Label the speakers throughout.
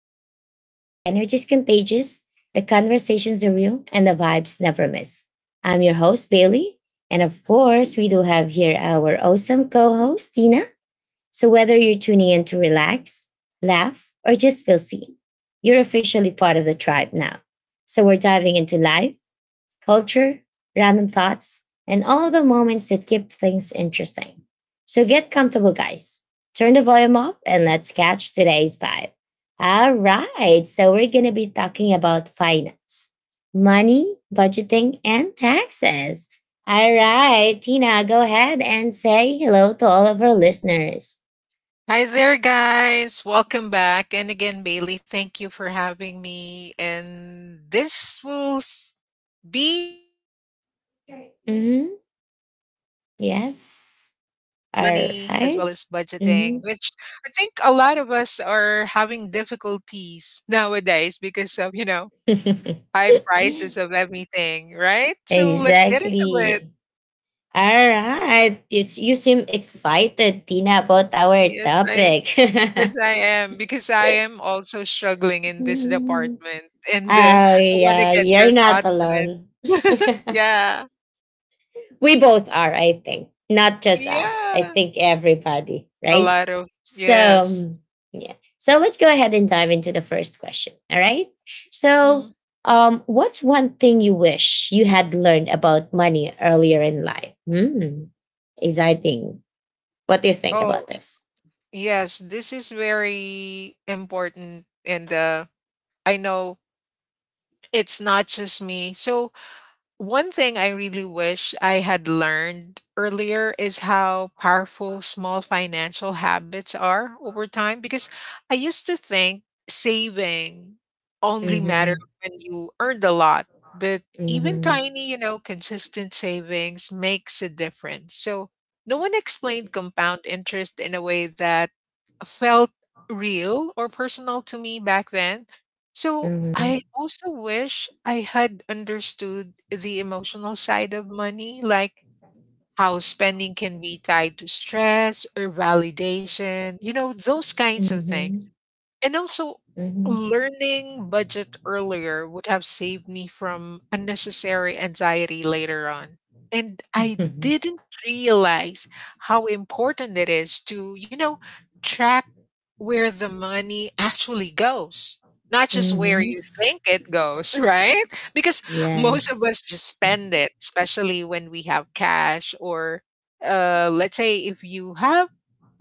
Speaker 1: the podcast where the energy is contagious, the conversations are real, and the vibes never miss. I'm your host, Bailey. And of course, we do have here our awesome co host, Tina. So whether you're tuning in to relax, laugh, or just feel seen, you're officially part of the tribe now. So we're diving into life, culture, random thoughts, and all the moments that keep things interesting. So get comfortable, guys. Turn the volume up and let's catch today's vibe. All right. So we're going to be talking about finance, money, budgeting, and taxes. All right. Tina, go ahead and say hello to all of our listeners.
Speaker 2: Hi there, guys. Welcome back. And again, Bailey, thank you for having me. And be a very nice day because
Speaker 1: hmm
Speaker 2: be talking about
Speaker 1: Yes.
Speaker 2: money as well as
Speaker 1: All right.
Speaker 2: budgeting, which
Speaker 1: Mhm.
Speaker 2: I think a lot of us are having difficulties nowadays because of, you know, high prices of everything, right? So let's get into it.
Speaker 1: Exactly. All right. It's, you seem excited, Tina, about our
Speaker 2: Yes, I
Speaker 1: topic. Oh,
Speaker 2: Yes, I am, because I am also struggling in this department, and, I wanna
Speaker 1: yeah.
Speaker 2: get your
Speaker 1: You're not
Speaker 2: thoughts on it.
Speaker 1: alone.
Speaker 2: Yeah.
Speaker 1: We both are, I think. Not just us. I
Speaker 2: Yeah.
Speaker 1: think everybody,
Speaker 2: A
Speaker 1: right?
Speaker 2: lot of
Speaker 1: So,
Speaker 2: yes.
Speaker 1: um, yeah. So let's go ahead and dive into the first question. All right. So,
Speaker 2: Mhm.
Speaker 1: what's one thing you wish you had learned about money earlier in life? Hmm. Exciting. What do you think about
Speaker 2: Oh,
Speaker 1: this?
Speaker 2: yes, this is very important, and, I know it's not just me. So one thing I really wish I had learned earlier is how powerful small financial habits are over time because I used to think saving only mattered
Speaker 1: Mm-hmm.
Speaker 2: when you earned a lot, but even
Speaker 1: Mhm.
Speaker 2: tiny, you know, consistent savings makes a difference. So no one explained compound interest in a way that felt real or personal to me back then. So
Speaker 1: Mhm.
Speaker 2: I also wish I had understood the emotional side of money, like how spending can be tied to stress or validation, you know, those kinds of things.
Speaker 1: Mhm.
Speaker 2: And also,
Speaker 1: Mhm.
Speaker 2: learning budget earlier would have saved me from unnecessary anxiety later on. And I
Speaker 1: Mhm.
Speaker 2: didn't realize how important it is to, you know, track where the money actually goes, not just where
Speaker 1: Mhm.
Speaker 2: you think it goes, right? Because most of
Speaker 1: Yes.
Speaker 2: us just spend it, especially when we have cash or let's say if you have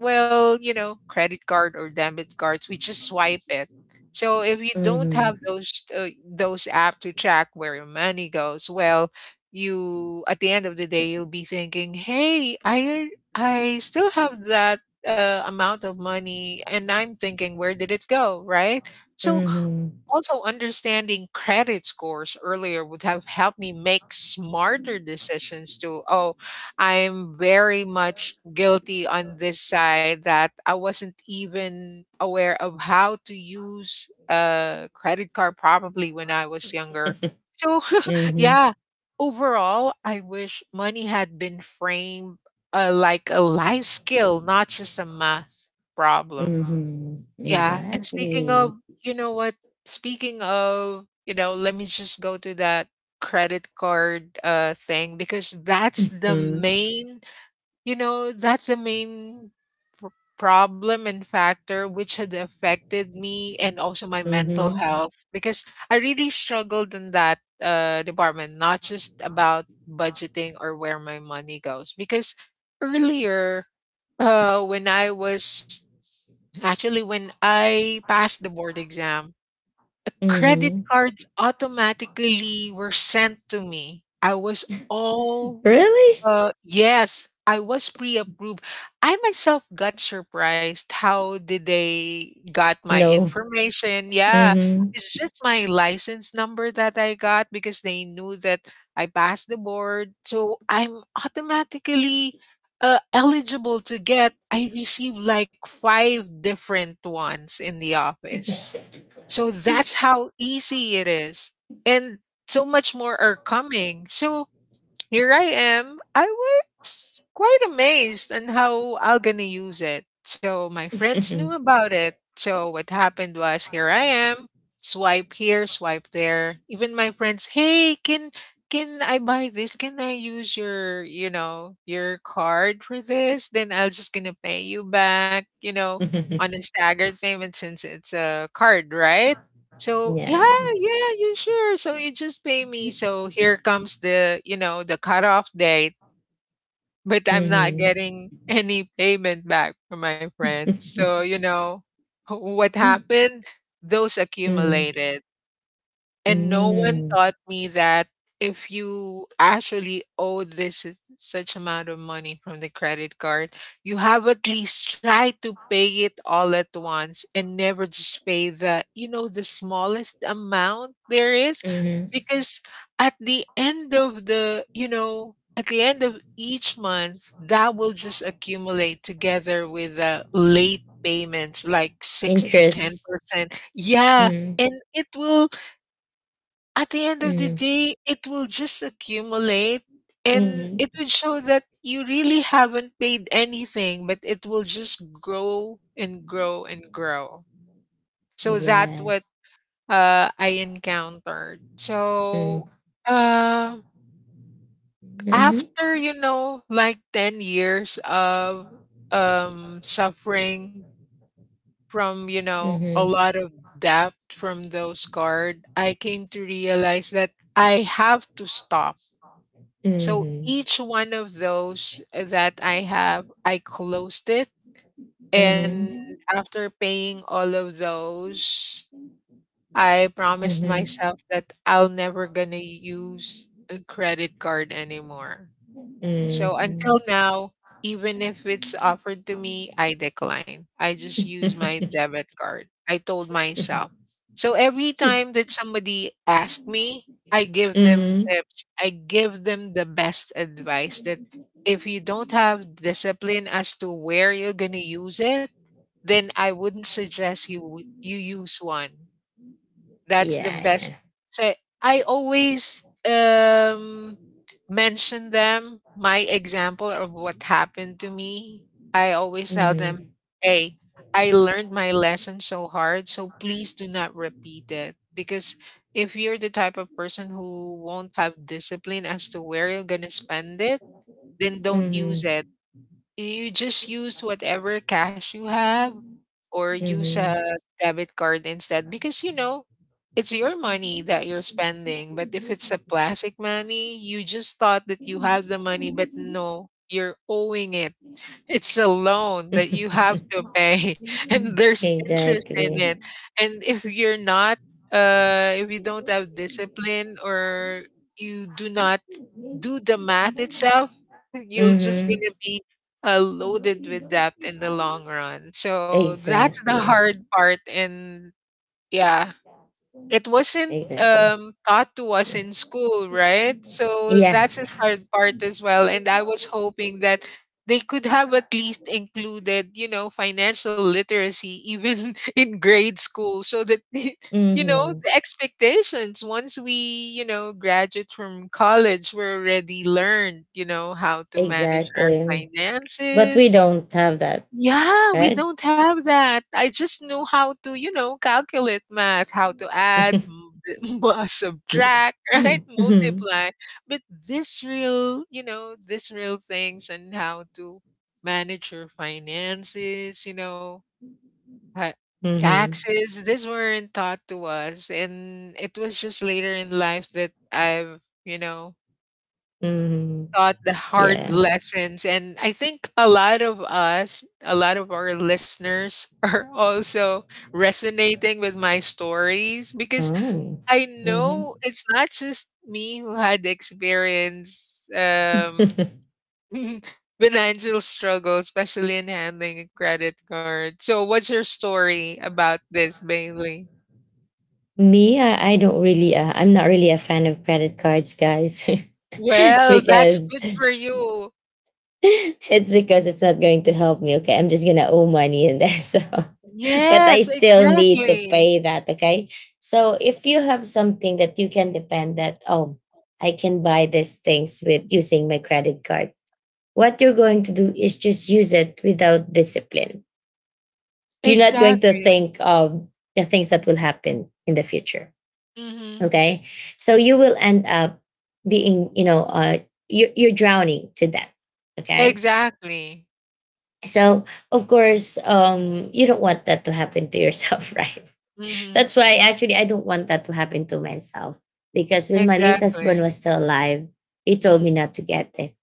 Speaker 2: well, you know, credit card or debit cards, we just swipe it. So if you don't have
Speaker 1: Mhm.
Speaker 2: those app to track where your money goes, well, you at the end of the day you'll be thinking, "Hey, I still have that amount of money and I'm thinking where did it go?", right? So
Speaker 1: Mhm.
Speaker 2: also, understanding credit scores earlier would have helped me make smarter decisions too. Oh, I'm very much guilty on this side that I wasn't even aware of how to use a credit card probably when I was younger. So,
Speaker 1: Mhm.
Speaker 2: yeah, overall, I wish money had been framed like a life skill, not just a math problem.
Speaker 1: Mhm.
Speaker 2: Yeah, and speaking of
Speaker 1: Exactly.
Speaker 2: you know what? Speaking of, you know, let me just go to that credit card thing because that's the
Speaker 1: Mhm.
Speaker 2: main, you know, that's the main pr- problem and factor which had affected me and also my mental
Speaker 1: Mhm.
Speaker 2: health because I really struggled in that department, not just about budgeting or where my money goes because earlier when I was Actually, when I passed the board exam, credit
Speaker 1: Mhm.
Speaker 2: cards automatically were sent to me. I was all
Speaker 1: Really?
Speaker 2: yes, I was pre-approved. I myself got surprised how did they got my
Speaker 1: No.
Speaker 2: information. Yeah,
Speaker 1: Mhm.
Speaker 2: it's just my license number that I got because they knew that I passed the board. So I'm automatically eligible to get. I received like five different ones in the office. So that's how easy it is. And so much more are coming. So here I am. I was quite amazed on how I'm gonna use it. So my friends knew
Speaker 1: Mhm.
Speaker 2: about it. So what happened was here I am. Swipe here, swipe there. Even my friends, hey, can I buy this? Can I use your, you know, your card for this? Then I'll just gonna pay you back, you know, on a staggered payment since it's a card, right? So yeah,
Speaker 1: Yeah.
Speaker 2: yeah, you sure. So you just pay me. So here comes the, you know, the cutoff date, but I'm not
Speaker 1: Mhm.
Speaker 2: getting any payment back from my friends. So, you know, what
Speaker 1: Mhm.
Speaker 2: happened? Those accumulated. And no one
Speaker 1: Mhm.
Speaker 2: taught me that if you actually owe this is such amount of money from the credit card, you have at least tried to pay it all at once and never just pay the, you know, the smallest amount there is.
Speaker 1: Mhm.
Speaker 2: Because at the end of the, you know, at the end of each month, that will just accumulate together with the late payments, like six to
Speaker 1: Interest.
Speaker 2: 10%. Yeah.
Speaker 1: Mhm.
Speaker 2: And it will at the end of the
Speaker 1: Mhm.
Speaker 2: day, it will just accumulate and it
Speaker 1: Mhm.
Speaker 2: would show that you really haven't paid anything, but it will just grow and grow and grow. So that what
Speaker 1: Yes.
Speaker 2: I encountered. So
Speaker 1: Mhm.
Speaker 2: uh,
Speaker 1: Mhm.
Speaker 2: after, you know, like 10 years of suffering from, you know, a
Speaker 1: Mhm.
Speaker 2: lot of debt from those cards, I came to realize that I have to stop. So
Speaker 1: Mhm.
Speaker 2: each one of those that I have, I closed it. And
Speaker 1: Mhm.
Speaker 2: after paying all of those, I promised
Speaker 1: Mhm.
Speaker 2: myself that I'll never gonna use a credit card anymore. So
Speaker 1: Mhm.
Speaker 2: until now, even if it's offered to me, I decline. I just use my debit card. I told myself. So every
Speaker 1: Mhm.
Speaker 2: time that somebody asks me, I give them tips. I give them the best advice that if you don't have discipline as to where you're going to use it, then I wouldn't suggest you you use one. That's the
Speaker 1: Yeah,
Speaker 2: best.
Speaker 1: yeah.
Speaker 2: So I always mention them, my example of what happened to me. I always tell them,
Speaker 1: Mhm.
Speaker 2: hey, I learned my lesson so hard, so please do not repeat it. Because if you're the type of person who won't have discipline as to where you're gonna spend it, then don't use
Speaker 1: Mhm.
Speaker 2: it. You just use whatever cash you have or use a debit card instead because you know it's your money that you're spending, but if it's a plastic money you just thought that you have the money, but no, you're owing it. It's a loan that you have
Speaker 1: Mhm.
Speaker 2: to pay and there's interest in it.
Speaker 1: Exactly.
Speaker 2: And if you're not if you don't have discipline or you do not do the math itself, you're just
Speaker 1: Mhm.
Speaker 2: gonna be loaded with debt in the long run. So that's the
Speaker 1: Exactly.
Speaker 2: hard part, and yeah, it wasn't
Speaker 1: Exactly.
Speaker 2: taught to us in school, right? So
Speaker 1: Yeah.
Speaker 2: that's his hard part as well. And I was hoping that they could have at least included, you know, financial literacy even in grade school so that, you know,
Speaker 1: Mhm.
Speaker 2: the expectations once we, you know, graduate from college, we're already learned, you know, how to manage our
Speaker 1: Exactly. But we
Speaker 2: finances,
Speaker 1: don't have that,
Speaker 2: yeah, we
Speaker 1: right?
Speaker 2: don't have that. I just know how to, you know, calculate math, how to add, subtract, right?
Speaker 1: Mhm.
Speaker 2: Multiply. But this real, you know, this real things and how to manage your finances, you know, ha-
Speaker 1: Mhm.
Speaker 2: taxes, these weren't taught to us. And it was just later in life that I've, you know,
Speaker 1: Mhm.
Speaker 2: taught the hard
Speaker 1: Yeah.
Speaker 2: lessons. And I think a lot of us, a lot of our listeners are also resonating with my stories because
Speaker 1: Oh.
Speaker 2: I
Speaker 1: Mhm.
Speaker 2: know it's not just me who had experience financial struggle, especially in handling a credit card. So what's your story about this, Bailey?
Speaker 1: Me, I don't really, I'm not really a fan of credit cards, guys,
Speaker 2: Well, that's
Speaker 1: because
Speaker 2: good for you.
Speaker 1: it's because it's not going to help me. Okay, I'm just gonna owe money in there. So, but
Speaker 2: Yes,
Speaker 1: I still need to
Speaker 2: exactly.
Speaker 1: pay that. Okay, so if you have something that you can depend that, oh, I can buy these things with using my credit card. What you're going to do is just use it without discipline. You're not going to
Speaker 2: Exactly.
Speaker 1: think of the things that will happen in the future,
Speaker 2: Mhm.
Speaker 1: okay, so you will end up being, you're drowning to death. Okay,
Speaker 2: Exactly.
Speaker 1: so of course, you don't want that to happen to yourself, right?
Speaker 2: Mhm.
Speaker 1: That's why actually I don't want that to happen to myself because when my late husband
Speaker 2: Exactly.
Speaker 1: was still alive, he told me
Speaker 2: Mhm.
Speaker 1: not to get it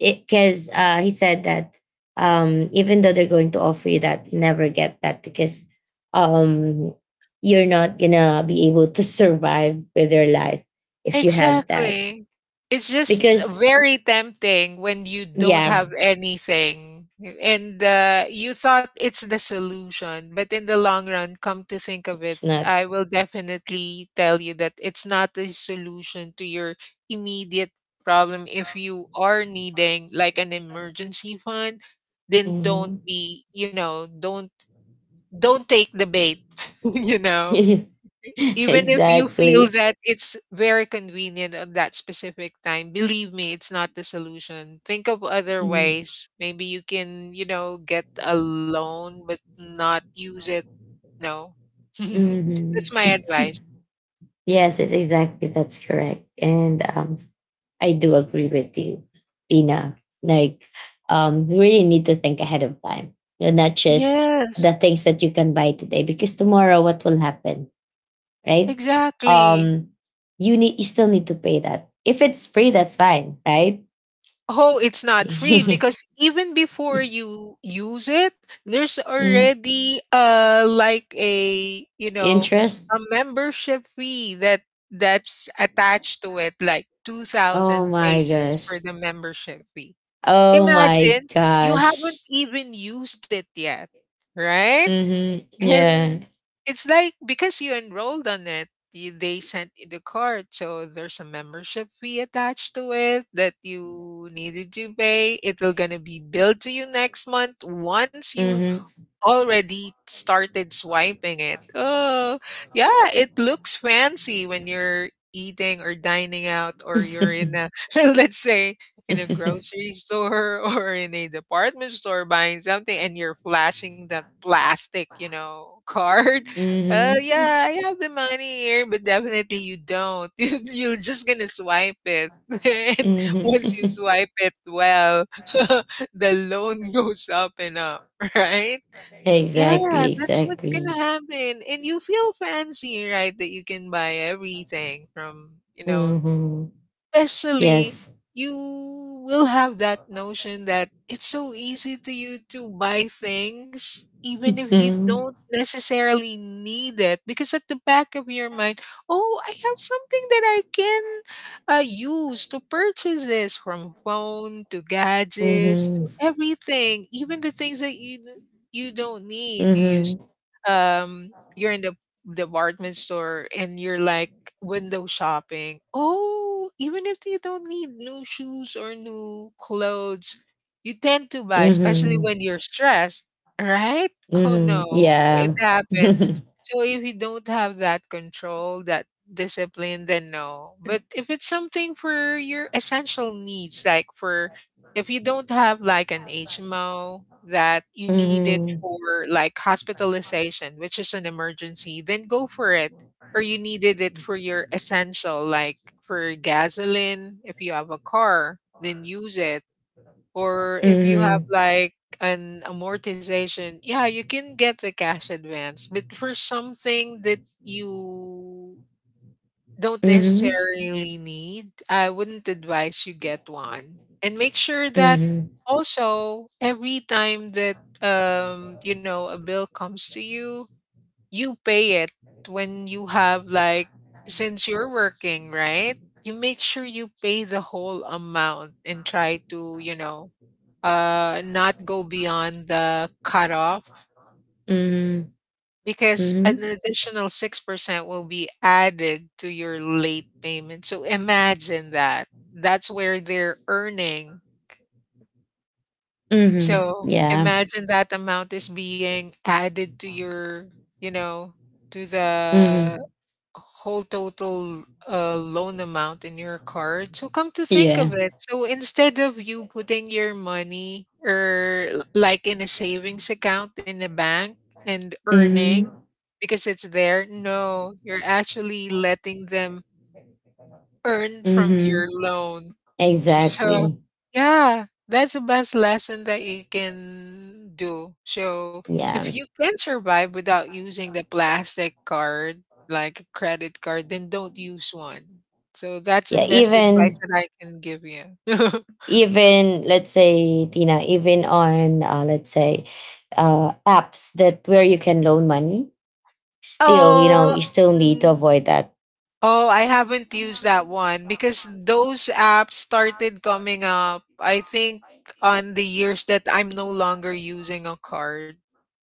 Speaker 1: it because, he said that, even though they're going to offer you that, never get that because, um, you're not gonna be able to survive with your life if you have that.
Speaker 2: Exactly. It's just
Speaker 1: Because
Speaker 2: very tempting when you don't
Speaker 1: yeah,
Speaker 2: have anything and you thought it's the solution, but in the long run, come to think of it,
Speaker 1: it's not.
Speaker 2: I will definitely tell you that it's not a solution to your immediate problem. If you are needing like an emergency fund, then don't
Speaker 1: Mhm.
Speaker 2: be, you know, don't take the bait, you know. Even if you feel
Speaker 1: Exactly.
Speaker 2: that it's very convenient on that specific time, believe me, it's not the solution. Think of other ways. Maybe you can, you know, get a loan but not use it. No. That's my
Speaker 1: Mm-hmm.
Speaker 2: advice.
Speaker 1: Yes, it's exactly that's correct. And I do agree with you, Dina. Like, you really need to think ahead of time. You're not just
Speaker 2: Yes,
Speaker 1: the things that you can buy today because tomorrow what will happen, right?
Speaker 2: exactly.
Speaker 1: Um, you still need to pay that. If it's free, that's fine, right?
Speaker 2: Oh, it's not free because even before you use it, there's
Speaker 1: Mm.
Speaker 2: already like a, you know,
Speaker 1: Interest.
Speaker 2: a membership fee that's attached to it, like
Speaker 1: Oh
Speaker 2: 2,000
Speaker 1: my
Speaker 2: pesos for
Speaker 1: gosh.
Speaker 2: the membership fee.
Speaker 1: Oh my
Speaker 2: Imagine you haven't
Speaker 1: gosh.
Speaker 2: even used it yet, right?
Speaker 1: Mm-hmm. Yeah.
Speaker 2: And it's like because you enrolled on it, they sent you the card. So there's a membership fee attached to it that you needed to pay. It'll gonna be billed to you next month once you
Speaker 1: Mm-hmm.
Speaker 2: already started swiping it. Oh, yeah, it looks fancy when you're eating or dining out or you're in a let's say in a grocery store or in a department store buying something and you're flashing that plastic, you know, card.
Speaker 1: Mm-hmm.
Speaker 2: Yeah, I have the money here, but definitely you don't. You're just gonna swipe it. And once you
Speaker 1: Mm-hmm.
Speaker 2: swipe it well, the loan goes up and up, right? Yeah,
Speaker 1: Exactly,
Speaker 2: that's what's gonna
Speaker 1: exactly.
Speaker 2: happen, and you feel fancy, right, that you can buy everything from.
Speaker 1: hmm
Speaker 2: Especially,
Speaker 1: Yes.
Speaker 2: you will have that notion that it's so easy to you to buy things even if you
Speaker 1: hmm
Speaker 2: don't necessarily need it because at the back of your mind, oh, I have something that I can use to purchase this from phone to gadgets
Speaker 1: hmm
Speaker 2: to everything, even the things that you don't need. You use
Speaker 1: hmm
Speaker 2: um you're in the department store and you're like window shopping. Oh, even if you don't need new shoes or new clothes, you tend to buy, especially
Speaker 1: hmm
Speaker 2: when you're stressed, right? Oh
Speaker 1: hmm
Speaker 2: no, it
Speaker 1: Yeah.
Speaker 2: happens.
Speaker 1: hmm
Speaker 2: So if you don't have that control, that discipline, then no. But if it's something for your essential needs, like for if you don't have like an HMO that you need it
Speaker 1: hmm
Speaker 2: for like hospitalization, which is an emergency, then go for it. Or you needed it for your essential, like for gasoline. If you have a car, then use it. Or if you have
Speaker 1: hmm
Speaker 2: like an amortization, yeah, you can get the cash advance. But for something that you don't
Speaker 1: hmm
Speaker 2: necessarily need, I wouldn't advise you get one. And make sure that
Speaker 1: hmm
Speaker 2: also every time that a bill comes to you, you pay it when you have like, since you're working, right, you make sure you pay the whole amount and try to not go beyond the cutoff, because
Speaker 1: hmm
Speaker 2: an additional 6% will be added to your late payment. So imagine that, that's where they're earning.
Speaker 1: hmm
Speaker 2: So
Speaker 1: Yeah.
Speaker 2: imagine that amount is being added to your, you know, to the
Speaker 1: hmm
Speaker 2: whole total loan amount in your card. So come to think
Speaker 1: Yeah.
Speaker 2: of it, so instead of you putting your money or like in a savings account in a bank and earning,
Speaker 1: hmm
Speaker 2: because it's there, no, you're actually letting them earn from your
Speaker 1: hmm
Speaker 2: loan. So,
Speaker 1: Exactly.
Speaker 2: yeah, that's the best lesson that you can do. So, if
Speaker 1: Yeah.
Speaker 2: you can survive without using the plastic card, like a credit card, then don't use one. So, that's the
Speaker 1: Yeah,
Speaker 2: best advice
Speaker 1: even
Speaker 2: that I can give you.
Speaker 1: let's say Tina, even on, let's say, apps that where you can loan money, still, you know,
Speaker 2: Oh,
Speaker 1: you still need to
Speaker 2: mm,
Speaker 1: avoid that.
Speaker 2: oh, I haven't used that one because those apps started coming up, I think, on the years that I'm no longer using a card.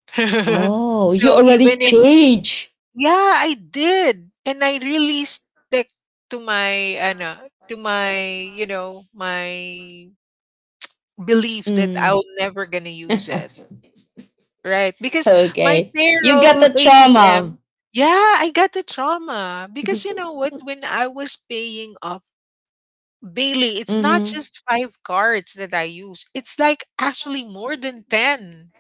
Speaker 1: Oh, you
Speaker 2: so even
Speaker 1: already
Speaker 2: if
Speaker 1: change.
Speaker 2: Yeah, I did. And I really stick to my ano, to my belief that I
Speaker 1: Mm.
Speaker 2: am never gonna use it. Right? Because my
Speaker 1: Okay, you
Speaker 2: payroll
Speaker 1: got the
Speaker 2: ATM,
Speaker 1: trauma.
Speaker 2: yeah, I got the trauma. Because you know what, when I was paying off Bailey, it's not
Speaker 1: Mhm.
Speaker 2: just five cards that I use. It's like actually more than 10.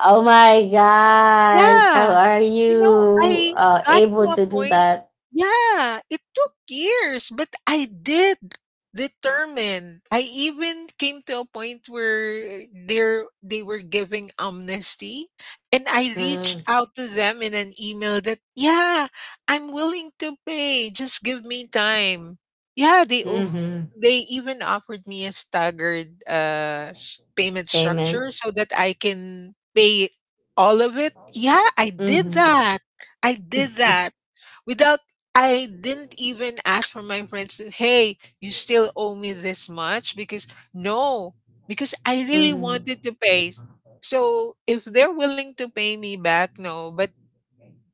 Speaker 1: Oh my gosh, how
Speaker 2: Yeah.
Speaker 1: are
Speaker 2: You know,
Speaker 1: you,
Speaker 2: I got to
Speaker 1: able
Speaker 2: a
Speaker 1: to do
Speaker 2: point,
Speaker 1: that?
Speaker 2: yeah, it took years, but I did determine. I even came to a point where they were giving amnesty, and I reached
Speaker 1: Mm-hmm.
Speaker 2: out to them in an email that, yeah, I'm willing to pay. Just give me time. Yeah,
Speaker 1: Mm-hmm.
Speaker 2: they even offered me a staggered payment structure
Speaker 1: Payment.
Speaker 2: so that I can pay all of it. Yeah, I did
Speaker 1: Mm-hmm.
Speaker 2: that. I did that without. I didn't even ask for my friends to, "Hey, you still owe me this much?" Because no, because I really wanted
Speaker 1: Mm-hmm.
Speaker 2: to pay. So if they're willing to pay me back, no, but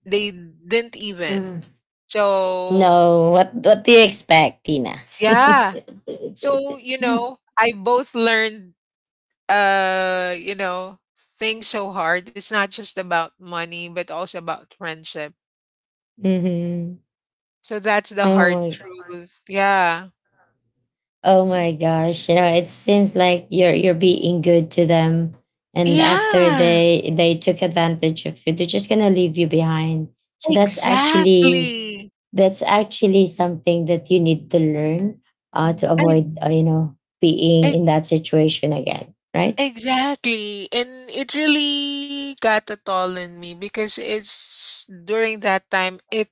Speaker 2: they didn't even.
Speaker 1: Mm-hmm.
Speaker 2: So,
Speaker 1: No, what do you expect, Tina?
Speaker 2: yeah. So, you know, I both learned uh, you know, things so hard. It's not just about money, but also about friendship.
Speaker 1: hmm
Speaker 2: So that's the
Speaker 1: Oh
Speaker 2: hard
Speaker 1: my,
Speaker 2: truth. Yeah.
Speaker 1: oh my gosh! You know, it seems like you're being good to them, and after
Speaker 2: Yeah,
Speaker 1: they took advantage of you, they're just gonna leave you behind. So that's actually,
Speaker 2: exactly.
Speaker 1: that's actually something that you need to learn, to
Speaker 2: I,
Speaker 1: avoid, you know, being
Speaker 2: I
Speaker 1: in that situation again, right?
Speaker 2: exactly. And it really got a toll in me because it's during that time it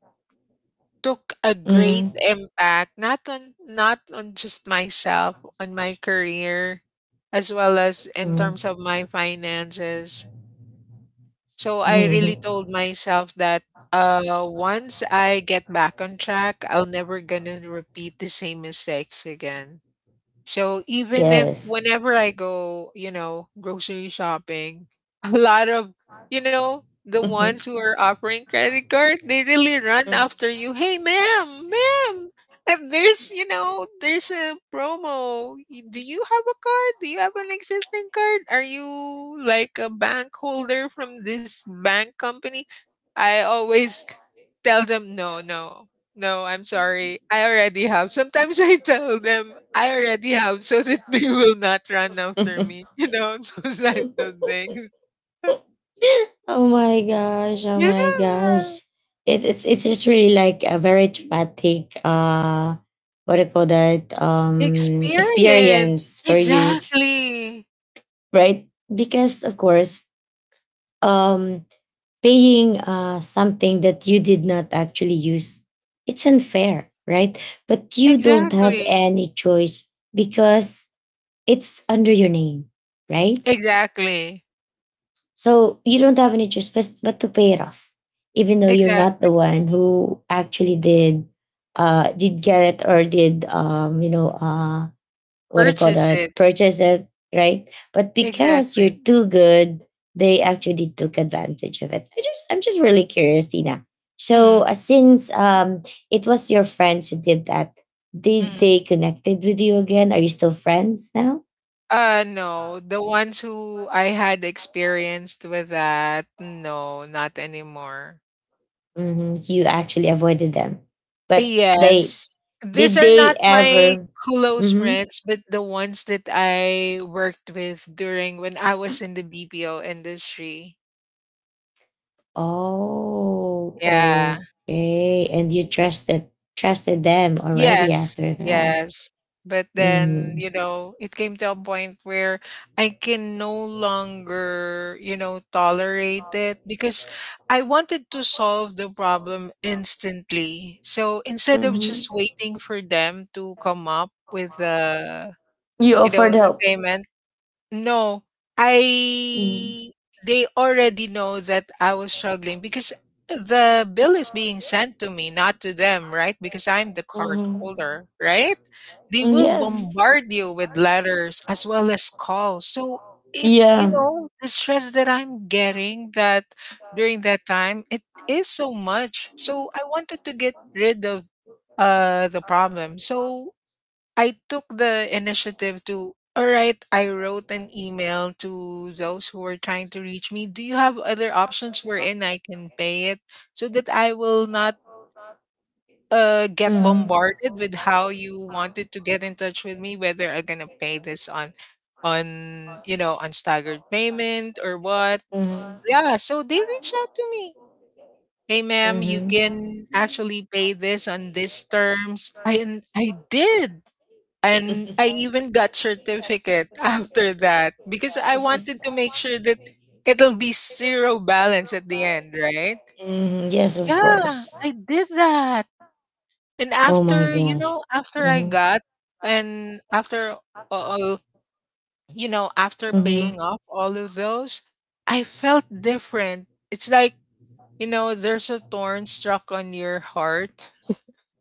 Speaker 2: took a great
Speaker 1: Mm-hmm.
Speaker 2: impact not on just myself, on my career, as well as in terms of my finances. So I really
Speaker 1: Mm-hmm.
Speaker 2: told myself that once I get back on track, I'll never gonna repeat the same mistakes again. So even if
Speaker 1: Yes.
Speaker 2: whenever I go, you know, grocery shopping, a lot of, you know, the ones who are offering credit card, they really run after you. Hey, ma'am, ma'am, and there's, you know, there's a promo. Y- Do you have a card? Do you have an existing card? Are you like a bank holder from this bank company? I always tell them, "No, no, no, I'm sorry. I already have." Sometimes I tell them, "I already have," so that they will not run after me, you know, those types of things.
Speaker 1: Oh my gosh! Oh my
Speaker 2: Yeah.
Speaker 1: gosh! It's just really like a very traumatic, what do you call that
Speaker 2: Experience.
Speaker 1: experience for you,
Speaker 2: Exactly.
Speaker 1: right? Because of course, um paying, something that you did not actually use, it's unfair, right? But you don't have
Speaker 2: Exactly.
Speaker 1: any choice because it's under your name, right?
Speaker 2: Exactly.
Speaker 1: So you don't have any choice but to pay it off, even though you're
Speaker 2: Exactly.
Speaker 1: not the one who actually did, did get it or did, you know what do call
Speaker 2: Purchase it.
Speaker 1: that purchase it, right? But because
Speaker 2: Exactly.
Speaker 1: you're too good, they actually took advantage of it. I'm just really curious, Tina. So,
Speaker 2: Mhm,
Speaker 1: since it was your friends who did that, did
Speaker 2: mhm.
Speaker 1: they connected with you again? Are you still friends now?
Speaker 2: No, the ones who I had experienced with that, no, not anymore.
Speaker 1: You actually avoided them, but they.
Speaker 2: Yes. These
Speaker 1: Did
Speaker 2: are
Speaker 1: they
Speaker 2: not my
Speaker 1: ever?
Speaker 2: close
Speaker 1: Hmm
Speaker 2: friends, but the ones that I worked with during when I was in the BPO industry.
Speaker 1: Oh,
Speaker 2: Yeah.
Speaker 1: okay. And you trusted, them already
Speaker 2: Yes.
Speaker 1: after that.
Speaker 2: Yes. But then,
Speaker 1: Mm.
Speaker 2: you know, it came to a point where I can no longer, you know, tolerate it because I wanted to solve the problem instantly. So instead of just waiting for them to come up with the,
Speaker 1: You offered
Speaker 2: the
Speaker 1: help.
Speaker 2: payment, no,
Speaker 1: Mm.
Speaker 2: I they already know that I was struggling because the bill is being sent to me, not to them, right? Because I'm the card
Speaker 1: Mhm.
Speaker 2: holder, right? They
Speaker 1: Mm,
Speaker 2: will
Speaker 1: yes.
Speaker 2: bombard you with letters as well as calls. So it, you
Speaker 1: Yeah.
Speaker 2: know, the stress that I'm getting that during that time, it is so much. So I wanted to get rid of the problem. So I took the initiative to, all right, I wrote an email to those who were trying to reach me. Do you have other options wherein I can pay it so that I will not get bombarded with how you wanted to get in touch with me, whether I'm gonna pay this on you know on staggered payment or what?
Speaker 1: Mhm.
Speaker 2: Yeah, so they reached out to me. Hey ma'am, you
Speaker 1: Mhm.
Speaker 2: can actually pay this on these terms. I and I did. And I even got certificate after that because I wanted to make sure that it'll be zero balance at the end, right?
Speaker 1: Mhm. Yes, of
Speaker 2: Yeah,
Speaker 1: course.
Speaker 2: I did that. And
Speaker 1: Oh my
Speaker 2: after, you
Speaker 1: gosh.
Speaker 2: know, after I
Speaker 1: Mhm.
Speaker 2: got, and after all, you know, after paying
Speaker 1: Mhm.
Speaker 2: off all of those, I felt different. It's like, you know, there's a thorn struck on your heart.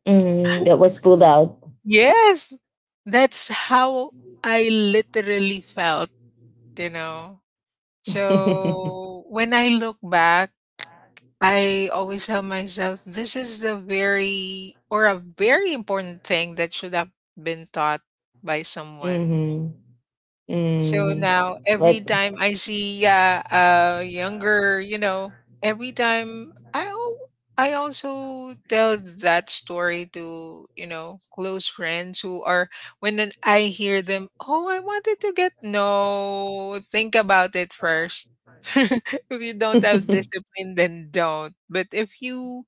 Speaker 1: Mhm. That was pulled out.
Speaker 2: Yes, that's how I literally felt, you know.
Speaker 1: hmm
Speaker 2: So, when I look back, I always tell myself, this is the very or a very important thing that should have been taught by someone. So
Speaker 1: hmm
Speaker 2: now every
Speaker 1: But.
Speaker 2: time I see younger, you know, every time I al- I also tell that story to, you know, close friends who are I hear them, "Oh, I wanted to get, no, think about it first. If you don't have discipline, then don't. But if you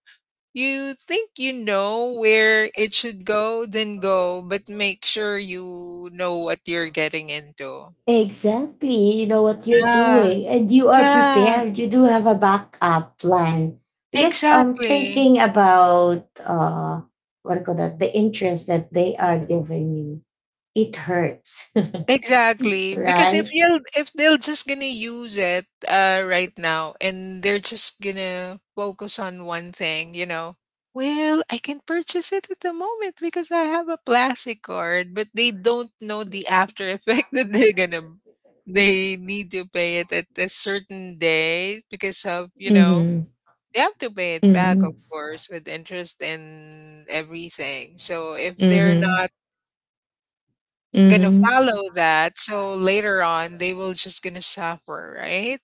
Speaker 2: you think you know where it should go, then go, but make sure you know what you're getting into."
Speaker 1: Exactly. You know what you're
Speaker 2: Yeah,
Speaker 1: doing and you are
Speaker 2: yeah,
Speaker 1: prepared. You do have a backup plan. Because,
Speaker 2: exactly,
Speaker 1: thinking about what do you call that the interest that they are giving you, it hurts,
Speaker 2: exactly. Because if
Speaker 1: right?
Speaker 2: you'll, if they'll just gonna use it right now and they're just gonna focus on one thing, you know, well, I can purchase it at the moment because I have a plastic card, but they don't know the after effect that they're gonna, they need to pay it at a certain day because of, you know,
Speaker 1: Mm-hmm.
Speaker 2: they have to pay it back, of
Speaker 1: Mm-hmm.
Speaker 2: course, with interest and everything. So if they're
Speaker 1: Mm-hmm.
Speaker 2: not gonna
Speaker 1: Mm-hmm.
Speaker 2: follow that, so later on they will just gonna suffer, right?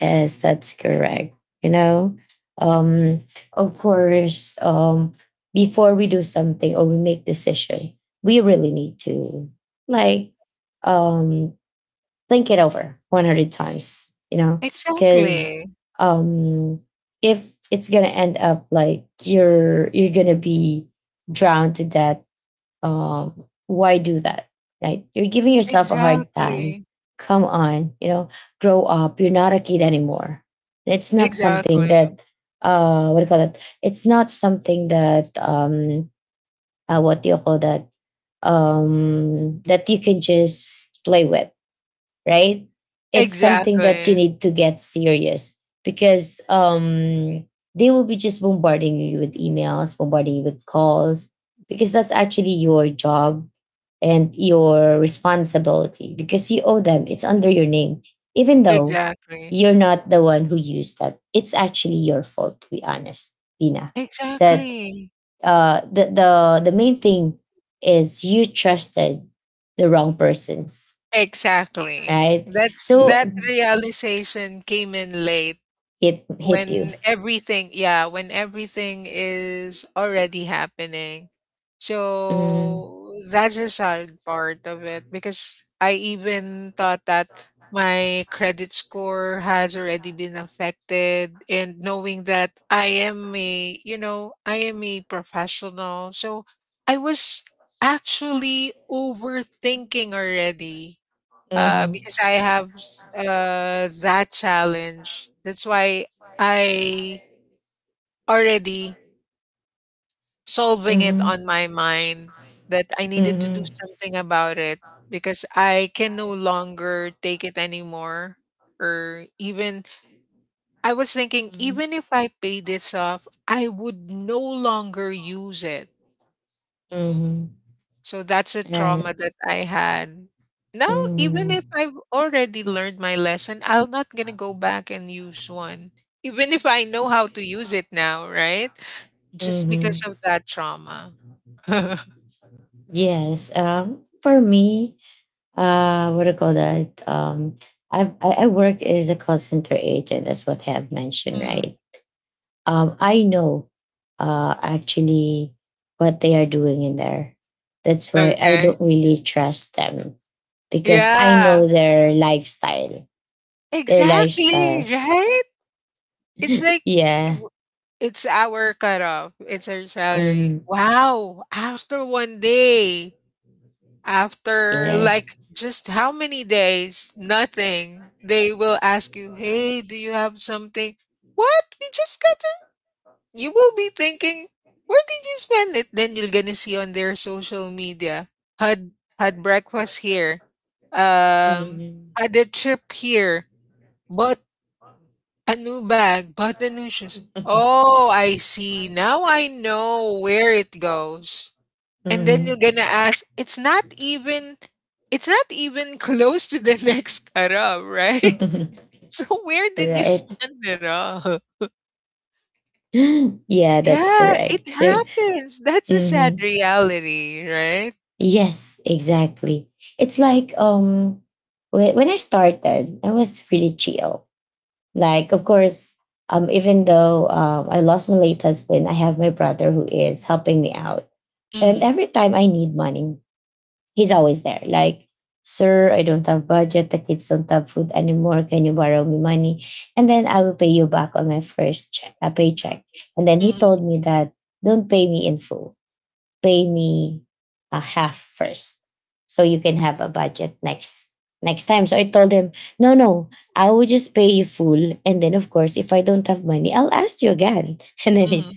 Speaker 1: Yes, that's correct. You know, um, of course, before we do something or we make decision, we really need to, like, um, think it over 100 times, you know, because,
Speaker 2: Exactly.
Speaker 1: um, if it's going to end up like you're going to be drowned to death, why do that? Right? You're giving yourself a hard time.
Speaker 2: Exactly.
Speaker 1: Come on, you know, grow up. You're not a kid anymore. It's not something
Speaker 2: Exactly.
Speaker 1: that, what do you call that. It's not something that, what do you call that? That you can just play with, right? It's something that you
Speaker 2: Exactly.
Speaker 1: need to get serious because, they will be just bombarding you with emails, bombarding you with calls, because that's actually your job and your responsibility because you owe them. It's under your name. Even though
Speaker 2: Exactly.
Speaker 1: you're not the one who used that, it's actually your fault, to be honest, Tina. That,
Speaker 2: Exactly.
Speaker 1: the main thing is you trusted the wrong persons,
Speaker 2: Exactly.
Speaker 1: right?
Speaker 2: That's,
Speaker 1: So
Speaker 2: that realization came in late
Speaker 1: it hit you.
Speaker 2: when everything, yeah, when everything is already happening.
Speaker 1: Mm.
Speaker 2: So that's the sad part of it because I even thought that my credit score has already been affected, and knowing that I am a, you know, I am a professional, so I was actually overthinking already,
Speaker 1: Mhm.
Speaker 2: because I have that challenge. That's why I already solving it
Speaker 1: Mhm.
Speaker 2: on my mind that I needed to do something about it because I can no longer take it anymore. Or even I was thinking,
Speaker 1: Mhm.
Speaker 2: even if I pay this off, I would no longer use it.
Speaker 1: Mhm.
Speaker 2: So that's a
Speaker 1: Right.
Speaker 2: trauma that I had. Now,
Speaker 1: Mhm.
Speaker 2: even if I've already learned my lesson, I'm not gonna go back and use one. Even if I know how to use it now, right? Just because
Speaker 1: Mm,
Speaker 2: of that trauma.
Speaker 1: yes. For me, what do you call that? I worked as a call center agent, as what I have mentioned,
Speaker 2: Mm,
Speaker 1: right? I know, actually what they are doing in there. That's why I
Speaker 2: okay.
Speaker 1: don't really trust them because I
Speaker 2: Yeah.
Speaker 1: know their lifestyle. Their
Speaker 2: Exactly,
Speaker 1: lifestyle.
Speaker 2: right? It's like,
Speaker 1: Yeah.
Speaker 2: w- it's our cutoff. It's our salary.
Speaker 1: hmm
Speaker 2: Wow. After one day. After like
Speaker 1: Yes.
Speaker 2: just how many days? Nothing. They will ask you, "Hey, do you have something?" What? We just got it. You will be thinking, "Where did you spend it?" Then you're gonna see on their social media, had had breakfast here,
Speaker 1: hmm
Speaker 2: um, had a trip here, bought a new bag, bought the new shoes. Oh, I see. Now I know where it goes. And
Speaker 1: hmm
Speaker 2: then you're gonna ask, it's not even close to the next carab, right? So where did you
Speaker 1: Right.
Speaker 2: spend it all?
Speaker 1: Yeah, that's
Speaker 2: Yeah, it
Speaker 1: correct. So,
Speaker 2: happens. That's a sad
Speaker 1: mhm.
Speaker 2: reality, right?
Speaker 1: Yes, exactly. It's like, when I started, I was really chill. Like, of course, even though I lost my late husband, I have my brother who is helping me out. And
Speaker 2: Mm,
Speaker 1: every time I need money, he's always there. Like, sir, I don't have budget. The kids don't have food anymore. Can you borrow me money? And then I will pay you back on my first check, paycheck. And then he
Speaker 2: mm,
Speaker 1: told me that don't pay me in full. Pay me a half first, so you can have a budget next time. So I told him, no, no, I will just pay you full. And then of course, if I don't have money, I'll ask you again. And then he.
Speaker 2: mm,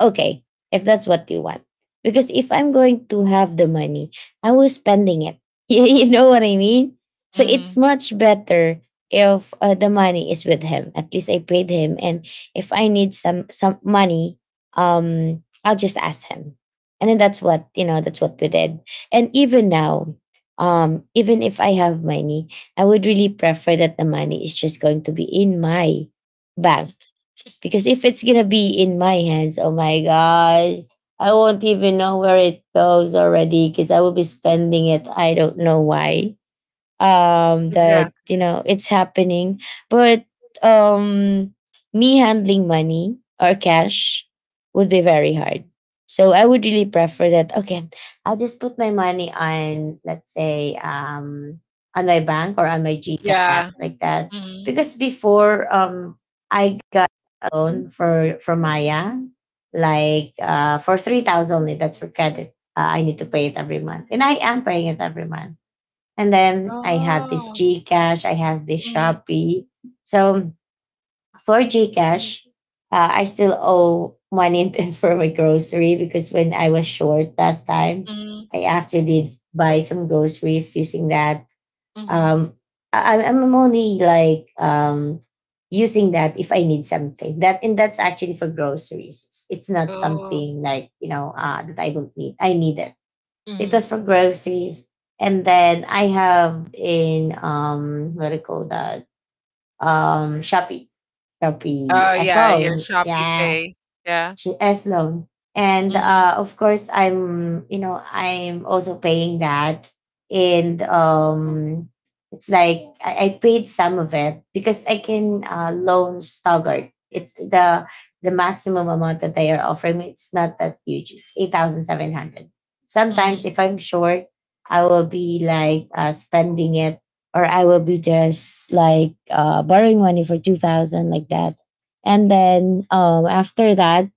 Speaker 1: Okay, if that's what you want. Because if I'm going to have the money, I will spending it. You know what I mean? So it's
Speaker 2: mm.
Speaker 1: much better if, the money is with him. At least I paid him, and if I need some money, I'll just ask him. And then that's what you know. That's what we did. And even now, even if I have money, I would really prefer that the money is just going to be in my bank because if it's gonna be in my hands, oh my gosh, I won't even know where it goes already because I will be spending it. I don't know why, that you
Speaker 2: Exactly.
Speaker 1: know it's happening, but, um me handling money or cash would be very hard. So I would really prefer that, okay, I'll just put my money on, let's say, on my bank or on my GCash,
Speaker 2: Yeah.
Speaker 1: like that.
Speaker 2: Mm.
Speaker 1: Because before, I got a loan for Maya, like, for 3,000 only. That's for credit. I need to pay it every month, and I am paying it every month. And then I have this
Speaker 2: Oh,
Speaker 1: GCash, I have this
Speaker 2: mm,
Speaker 1: Shopee. So for GCash, I still owe money for my grocery because when I was short last time,
Speaker 2: mm,
Speaker 1: I actually did buy some groceries using that.
Speaker 2: mm.
Speaker 1: Um, I'm only like using that if I need something. That and that's actually for groceries. It's not
Speaker 2: Oh,
Speaker 1: something like that I don't need. I need it, so it
Speaker 2: mm.
Speaker 1: was for groceries. And then I have in what do you call that? Shopee. Shopee
Speaker 2: Oh,
Speaker 1: as
Speaker 2: yeah, your
Speaker 1: well.
Speaker 2: shopee
Speaker 1: Yeah.
Speaker 2: pay. Yeah,
Speaker 1: As loan. And
Speaker 2: mm,
Speaker 1: of course, I'm I'm also paying that, and it's like I paid some of it because I can loan staggered. It's the maximum amount that they are offering me. It's not that huge. It's 8,700. Sometimes if
Speaker 2: mm.
Speaker 1: I'm short, I will be like spending it, or I will be just like borrowing money for 2,000 like that. And then after that,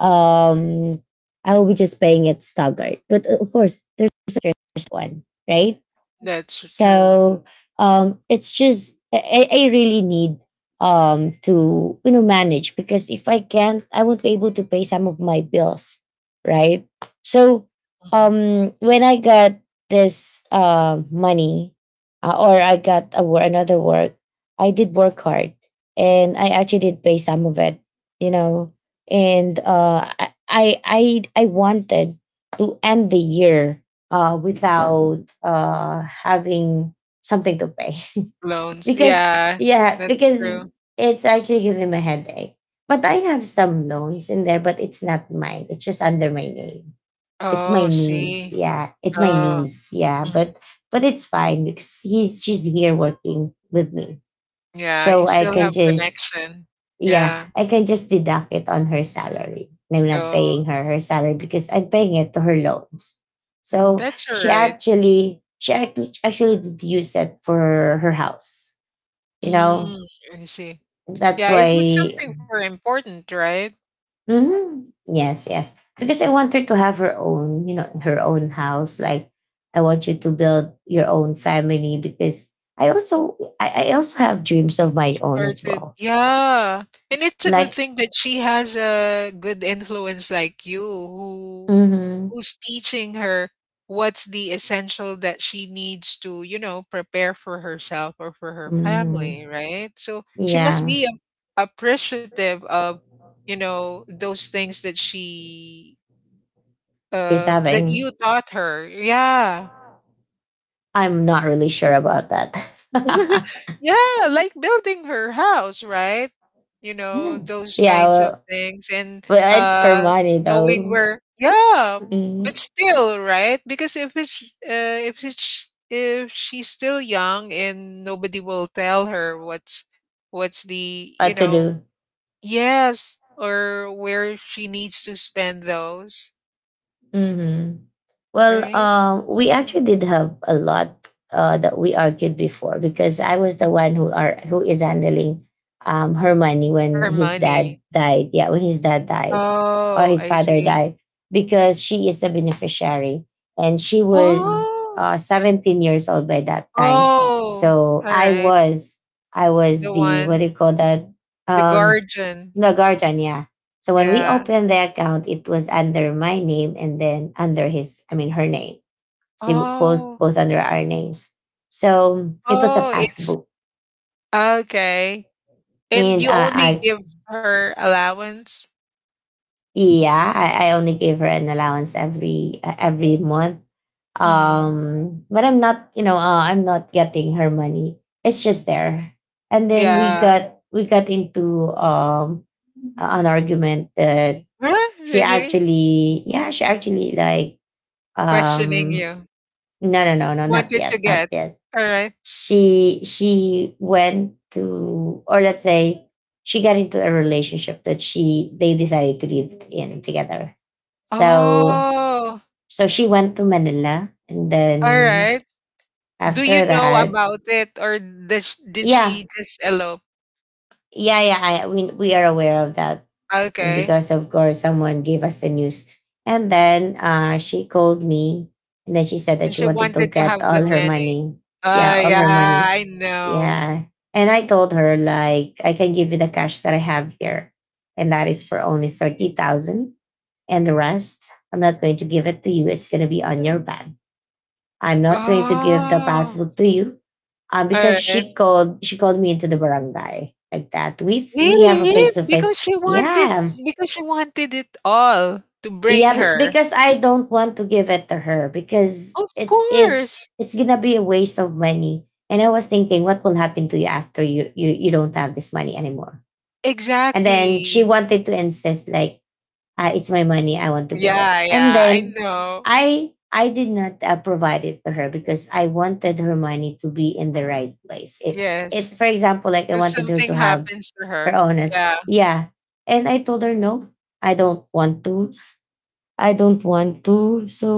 Speaker 1: um, I will be just paying it staggered. But of course, there's a first one, right?
Speaker 2: That's true.
Speaker 1: So it's just I really need to manage because if I can't, I won't be able to pay some of my bills, right? So when I got this money or I got a, another work, I did work hard and I actually did pay some of it, you know, and I wanted to end the year without having something to pay.
Speaker 2: Loans,
Speaker 1: Because,
Speaker 2: yeah,
Speaker 1: yeah,
Speaker 2: that's
Speaker 1: because
Speaker 2: true.
Speaker 1: it's actually giving me a headache. But I have some loans in there, but it's not mine. It's just under my name. It's my
Speaker 2: Oh,
Speaker 1: niece.
Speaker 2: see.
Speaker 1: Yeah. It's my
Speaker 2: Oh,
Speaker 1: niece. Yeah.
Speaker 2: mhm.
Speaker 1: But it's fine because he's she's here working with me.
Speaker 2: Yeah, you
Speaker 1: So I
Speaker 2: still
Speaker 1: can
Speaker 2: have
Speaker 1: just,
Speaker 2: connection.
Speaker 1: yeah,
Speaker 2: Yeah.
Speaker 1: I can just deduct it on her salary. And I'm not
Speaker 2: Oh,
Speaker 1: paying her salary because I'm paying it to her loans.
Speaker 2: mm,
Speaker 1: So
Speaker 2: that's all
Speaker 1: she
Speaker 2: right.
Speaker 1: actually she actually actually did use it for her house. You know,
Speaker 2: Mm, I see.
Speaker 1: that's
Speaker 2: Yeah, if it's
Speaker 1: why.
Speaker 2: something for important, right?
Speaker 1: Mhm. Yes, yes. Because I want her to have her own, you know, her own house. Like, I want you to build your own family because I also I also have dreams of my own as
Speaker 2: Started,
Speaker 1: well.
Speaker 2: yeah, and it's a good
Speaker 1: Like,
Speaker 2: thing that she has a good influence like you who
Speaker 1: mm-hmm,
Speaker 2: who's teaching her what's the essential that she needs to, prepare for herself or for her family,
Speaker 1: mm-hmm,
Speaker 2: right? So she must
Speaker 1: yeah.
Speaker 2: be appreciative of, you know, those things that she
Speaker 1: She's
Speaker 2: that you
Speaker 1: having.
Speaker 2: taught her. Yeah.
Speaker 1: I'm not really sure about that.
Speaker 2: Yeah, like building her house, right? You know, those
Speaker 1: Yeah,
Speaker 2: kinds of
Speaker 1: well,
Speaker 2: things and
Speaker 1: well, it's her
Speaker 2: uh
Speaker 1: money
Speaker 2: knowing
Speaker 1: though.
Speaker 2: where, yeah,
Speaker 1: Mm.
Speaker 2: but still, right? Because if she's still young and nobody will tell her what's the, you
Speaker 1: What to
Speaker 2: know,
Speaker 1: do?
Speaker 2: yes, or where she needs to spend those,
Speaker 1: Hmm. Well,
Speaker 2: right?
Speaker 1: we actually did have a lot that we argued before because I was the one who are who is handling her money
Speaker 2: Her
Speaker 1: when his
Speaker 2: money.
Speaker 1: dad died. Yeah, when his dad died or
Speaker 2: Oh,
Speaker 1: his
Speaker 2: I
Speaker 1: father
Speaker 2: see.
Speaker 1: died, because she is the beneficiary and she was
Speaker 2: Oh.
Speaker 1: 17 years old by that time.
Speaker 2: Oh,
Speaker 1: So
Speaker 2: all right.
Speaker 1: I
Speaker 2: The
Speaker 1: was the what
Speaker 2: one,
Speaker 1: do you call that?
Speaker 2: the
Speaker 1: Um,
Speaker 2: guardian.
Speaker 1: the guardian, yeah. So when we
Speaker 2: Yeah.
Speaker 1: opened the account, it was under my name and then under his, I mean, her name. See, both
Speaker 2: Oh,
Speaker 1: both under our names. So it was a
Speaker 2: oh, it's
Speaker 1: passbook,
Speaker 2: okay. And
Speaker 1: and
Speaker 2: you only
Speaker 1: I
Speaker 2: give her allowance?
Speaker 1: yeah, I only gave her an allowance every month.
Speaker 2: Hmm.
Speaker 1: But I'm not, you know, I'm not getting her money. It's just there. And then we
Speaker 2: Yeah.
Speaker 1: got we got into an argument that
Speaker 2: Huh? Really?
Speaker 1: yeah, she actually like,
Speaker 2: Questioning
Speaker 1: Um,
Speaker 2: you.
Speaker 1: no, no, no, no, not
Speaker 2: Wanted to
Speaker 1: yet, not
Speaker 2: get.
Speaker 1: yet.
Speaker 2: All right.
Speaker 1: She went to, or let's say, she got into a relationship that she they decided to live in together. So
Speaker 2: Oh,
Speaker 1: so she went to Manila, and
Speaker 2: all
Speaker 1: then
Speaker 2: right. Do
Speaker 1: after
Speaker 2: you know
Speaker 1: that,
Speaker 2: about it, or does, did
Speaker 1: yeah.
Speaker 2: she just elope?
Speaker 1: We are aware of that
Speaker 2: Okay.
Speaker 1: because of course someone gave us the news, and then she called me, and then she said that
Speaker 2: And
Speaker 1: she
Speaker 2: she
Speaker 1: wanted to
Speaker 2: wanted to
Speaker 1: get
Speaker 2: have the
Speaker 1: all her
Speaker 2: money.
Speaker 1: money. Yeah,
Speaker 2: Oh,
Speaker 1: all
Speaker 2: yeah,
Speaker 1: her money.
Speaker 2: I know.
Speaker 1: Yeah, and I told her like I can give you the cash that I have here, and that is for only 30,000, and the rest I'm not going to give it to you. It's gonna be on your back. I'm not going to give the
Speaker 2: Oh,
Speaker 1: passbook to you.
Speaker 2: all
Speaker 1: Because
Speaker 2: right.
Speaker 1: she called me into the barangay like that. We have a
Speaker 2: Really?
Speaker 1: face to face. Yeah.
Speaker 2: Because she wanted it all to bring
Speaker 1: Yeah,
Speaker 2: her.
Speaker 1: because I don't want to give it to her because
Speaker 2: Of course.
Speaker 1: it's gonna be a waste of money. And I was thinking, what will happen to you after you, you don't have this money anymore? And then she
Speaker 2: Exactly.
Speaker 1: wanted to insist like, it's my money, I want to give it.
Speaker 2: Yeah,
Speaker 1: And
Speaker 2: yeah, I
Speaker 1: then
Speaker 2: know.
Speaker 1: I did not provide it to her because I wanted her money to be in the right place. It,
Speaker 2: Yes.
Speaker 1: for example, like I
Speaker 2: If
Speaker 1: wanted her to
Speaker 2: something
Speaker 1: have
Speaker 2: happens to
Speaker 1: her
Speaker 2: her.
Speaker 1: honest,
Speaker 2: Yeah.
Speaker 1: yeah. And I told her no, I don't want to I don't want to, so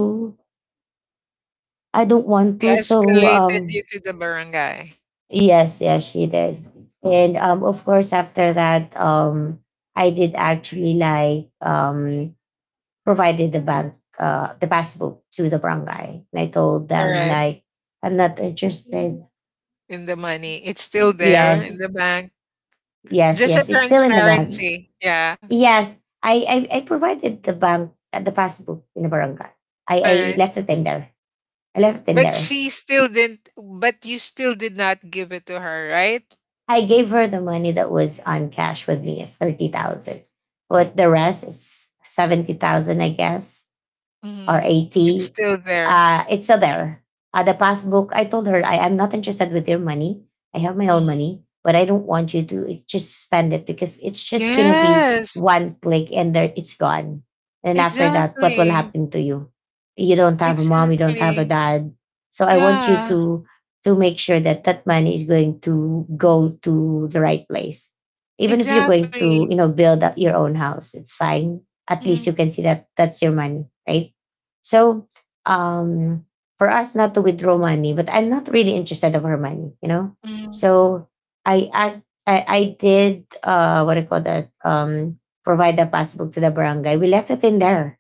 Speaker 1: i don't want
Speaker 2: She
Speaker 1: to so
Speaker 2: escalated
Speaker 1: um
Speaker 2: you to the barangay.
Speaker 1: yes, yes, she did. And of course after that, I did actually like, provided the bank the passbook to the barangay. And I told
Speaker 2: All
Speaker 1: them
Speaker 2: right.
Speaker 1: like, I'm not interested.
Speaker 2: In the money. It's still there
Speaker 1: Yes,
Speaker 2: in the bank.
Speaker 1: yes,
Speaker 2: Just a
Speaker 1: yes. It's still in the bank.
Speaker 2: transparency. Yeah.
Speaker 1: Yes, I provided the bank the passbook in the barangay.
Speaker 2: All
Speaker 1: I
Speaker 2: right.
Speaker 1: left it in there. I left it in
Speaker 2: But
Speaker 1: there.
Speaker 2: she still didn't but you still did not give it to her, right?
Speaker 1: I gave her the money that was on cash with me, 30,000. But the rest is 70,000, I guess. Or
Speaker 2: Hmm. It's
Speaker 1: 80.
Speaker 2: still there.
Speaker 1: It's still there. The passbook, I told her, I am not interested with your money. I have my own money, but I don't want you to just spend it because it's just going to be
Speaker 2: Yes,
Speaker 1: one click and there it's gone. And after that, what will
Speaker 2: exactly,
Speaker 1: happen to you? You don't have a mom, you don't have a
Speaker 2: exactly.
Speaker 1: dad. So I want you
Speaker 2: Yeah,
Speaker 1: to make sure that that money is going to go to the right place. Even if you're going to,
Speaker 2: exactly.
Speaker 1: you know, build up your own house, it's fine. At least you
Speaker 2: Mhm,
Speaker 1: can see that that's your money, right? So um, for us not to withdraw money, but I'm not really interested of her money, you know.
Speaker 2: mhm.
Speaker 1: So I I I did, what do you call that? Provide the passbook to the barangay. We left it in there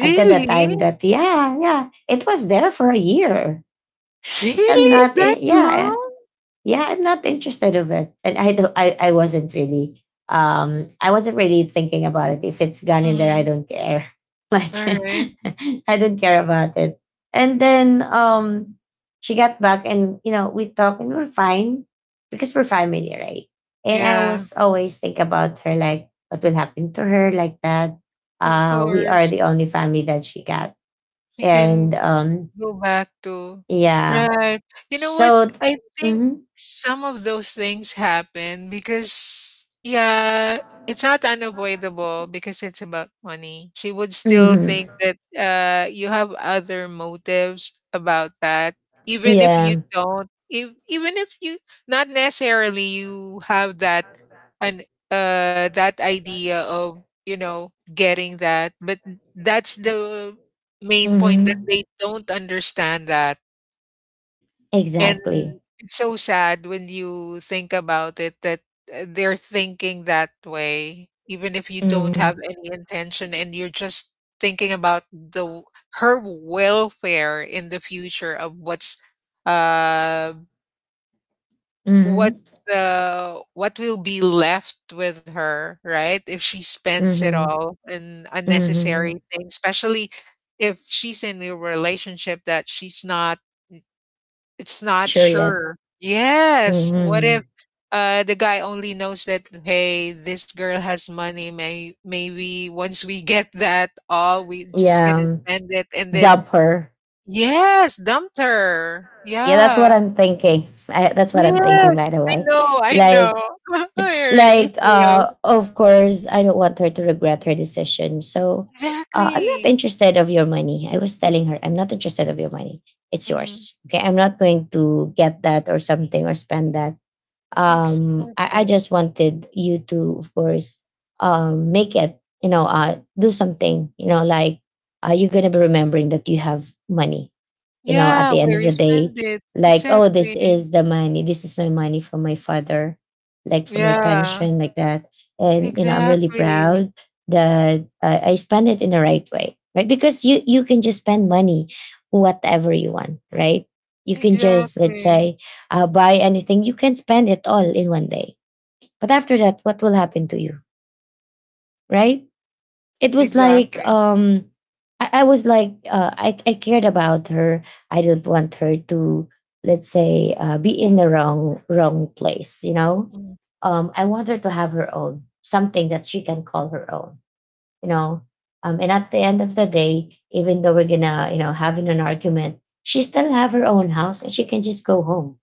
Speaker 1: until the time that, yeah, yeah, it was there for a year because I'm
Speaker 2: Really?
Speaker 1: not
Speaker 2: That
Speaker 1: in, yeah,
Speaker 2: long?
Speaker 1: yeah, I'm not interested of it. And I wasn't really I wasn't really thinking about it. If it's gone in there, I
Speaker 2: Mhm.
Speaker 1: don't care like
Speaker 2: All right.
Speaker 1: I don't care about it. And then she got back and, you know, we talked and we were fine because we're family, right? And I
Speaker 2: Yeah.
Speaker 1: was always think about her like what will happen to her like that.
Speaker 2: Of
Speaker 1: We are
Speaker 2: course.
Speaker 1: the only family that she got.
Speaker 2: You can
Speaker 1: And
Speaker 2: go back to.
Speaker 1: yeah
Speaker 2: Right. You know what?
Speaker 1: so
Speaker 2: I think
Speaker 1: mm-hmm,
Speaker 2: some of those things happen because, yeah, it's not unavoidable because it's about money. She would still
Speaker 1: mm-hmm.
Speaker 2: think that you have other motives about that, even if you
Speaker 1: Yeah.
Speaker 2: don't. If, Even if you not necessarily you have that and that idea of, you know, getting that, but that's the main point that
Speaker 1: Mhm.
Speaker 2: they don't understand that, and
Speaker 1: Exactly.
Speaker 2: it's so sad when you think about it that, they're thinking that way, even if you don't have
Speaker 1: Mhm.
Speaker 2: any intention and you're just thinking about the w her welfare in the future of uh,
Speaker 1: Mhm.
Speaker 2: what's, what will be left with her, right? If she spends it
Speaker 1: Mhm.
Speaker 2: all in unnecessary
Speaker 1: Mhm.
Speaker 2: things, especially if she's in a relationship that she's not. It's not
Speaker 1: Sure yet.
Speaker 2: sure. Yes. What if
Speaker 1: Mhm.
Speaker 2: the guy only knows that, hey, this girl has money. Maybe once we get that all, we just gonna
Speaker 1: Yeah.
Speaker 2: spend it and then
Speaker 1: Dump her.
Speaker 2: yes, dumped her.
Speaker 1: Yeah, that's
Speaker 2: Yeah.
Speaker 1: what I'm thinking. That's what I'm thinking.
Speaker 2: Yes.
Speaker 1: By the
Speaker 2: I
Speaker 1: way,
Speaker 2: know, I know.
Speaker 1: like,
Speaker 2: I already
Speaker 1: like,
Speaker 2: feel.
Speaker 1: of course, I don't want her to regret her decision. So, I'm not
Speaker 2: Exactly.
Speaker 1: interested of your money. I was telling her, I'm not interested of your money. It's
Speaker 2: Hmm.
Speaker 1: yours. Okay, I'm not going to get that or something or spend that. I
Speaker 2: Exactly.
Speaker 1: just wanted you to, of course, make it, you know, do something, you know, like, you're gonna be remembering that you have money, you know, at
Speaker 2: Yeah,
Speaker 1: the end
Speaker 2: where
Speaker 1: of
Speaker 2: you
Speaker 1: the day,
Speaker 2: spend it.
Speaker 1: like, oh, this
Speaker 2: Exactly.
Speaker 1: is the money, this is my money from my father, like for my
Speaker 2: Yeah.
Speaker 1: pension like that. And, you know, I'm really
Speaker 2: Exactly.
Speaker 1: proud that I spend it in the right way, right? Because you can just spend money whatever you want, right? You can just, let's
Speaker 2: Exactly.
Speaker 1: say, buy anything, you can spend it all in one day, but after that, what will happen to you, right? It was like,
Speaker 2: Exactly.
Speaker 1: I was like, I cared about her. I didn't want her to, let's say, be in the wrong place. You know,
Speaker 2: Mhm,
Speaker 1: I want her to have her own something that she can call her own. You know, and at the end of the day, even though we're gonna, you know, having an argument, she still have her own house and she can just go home,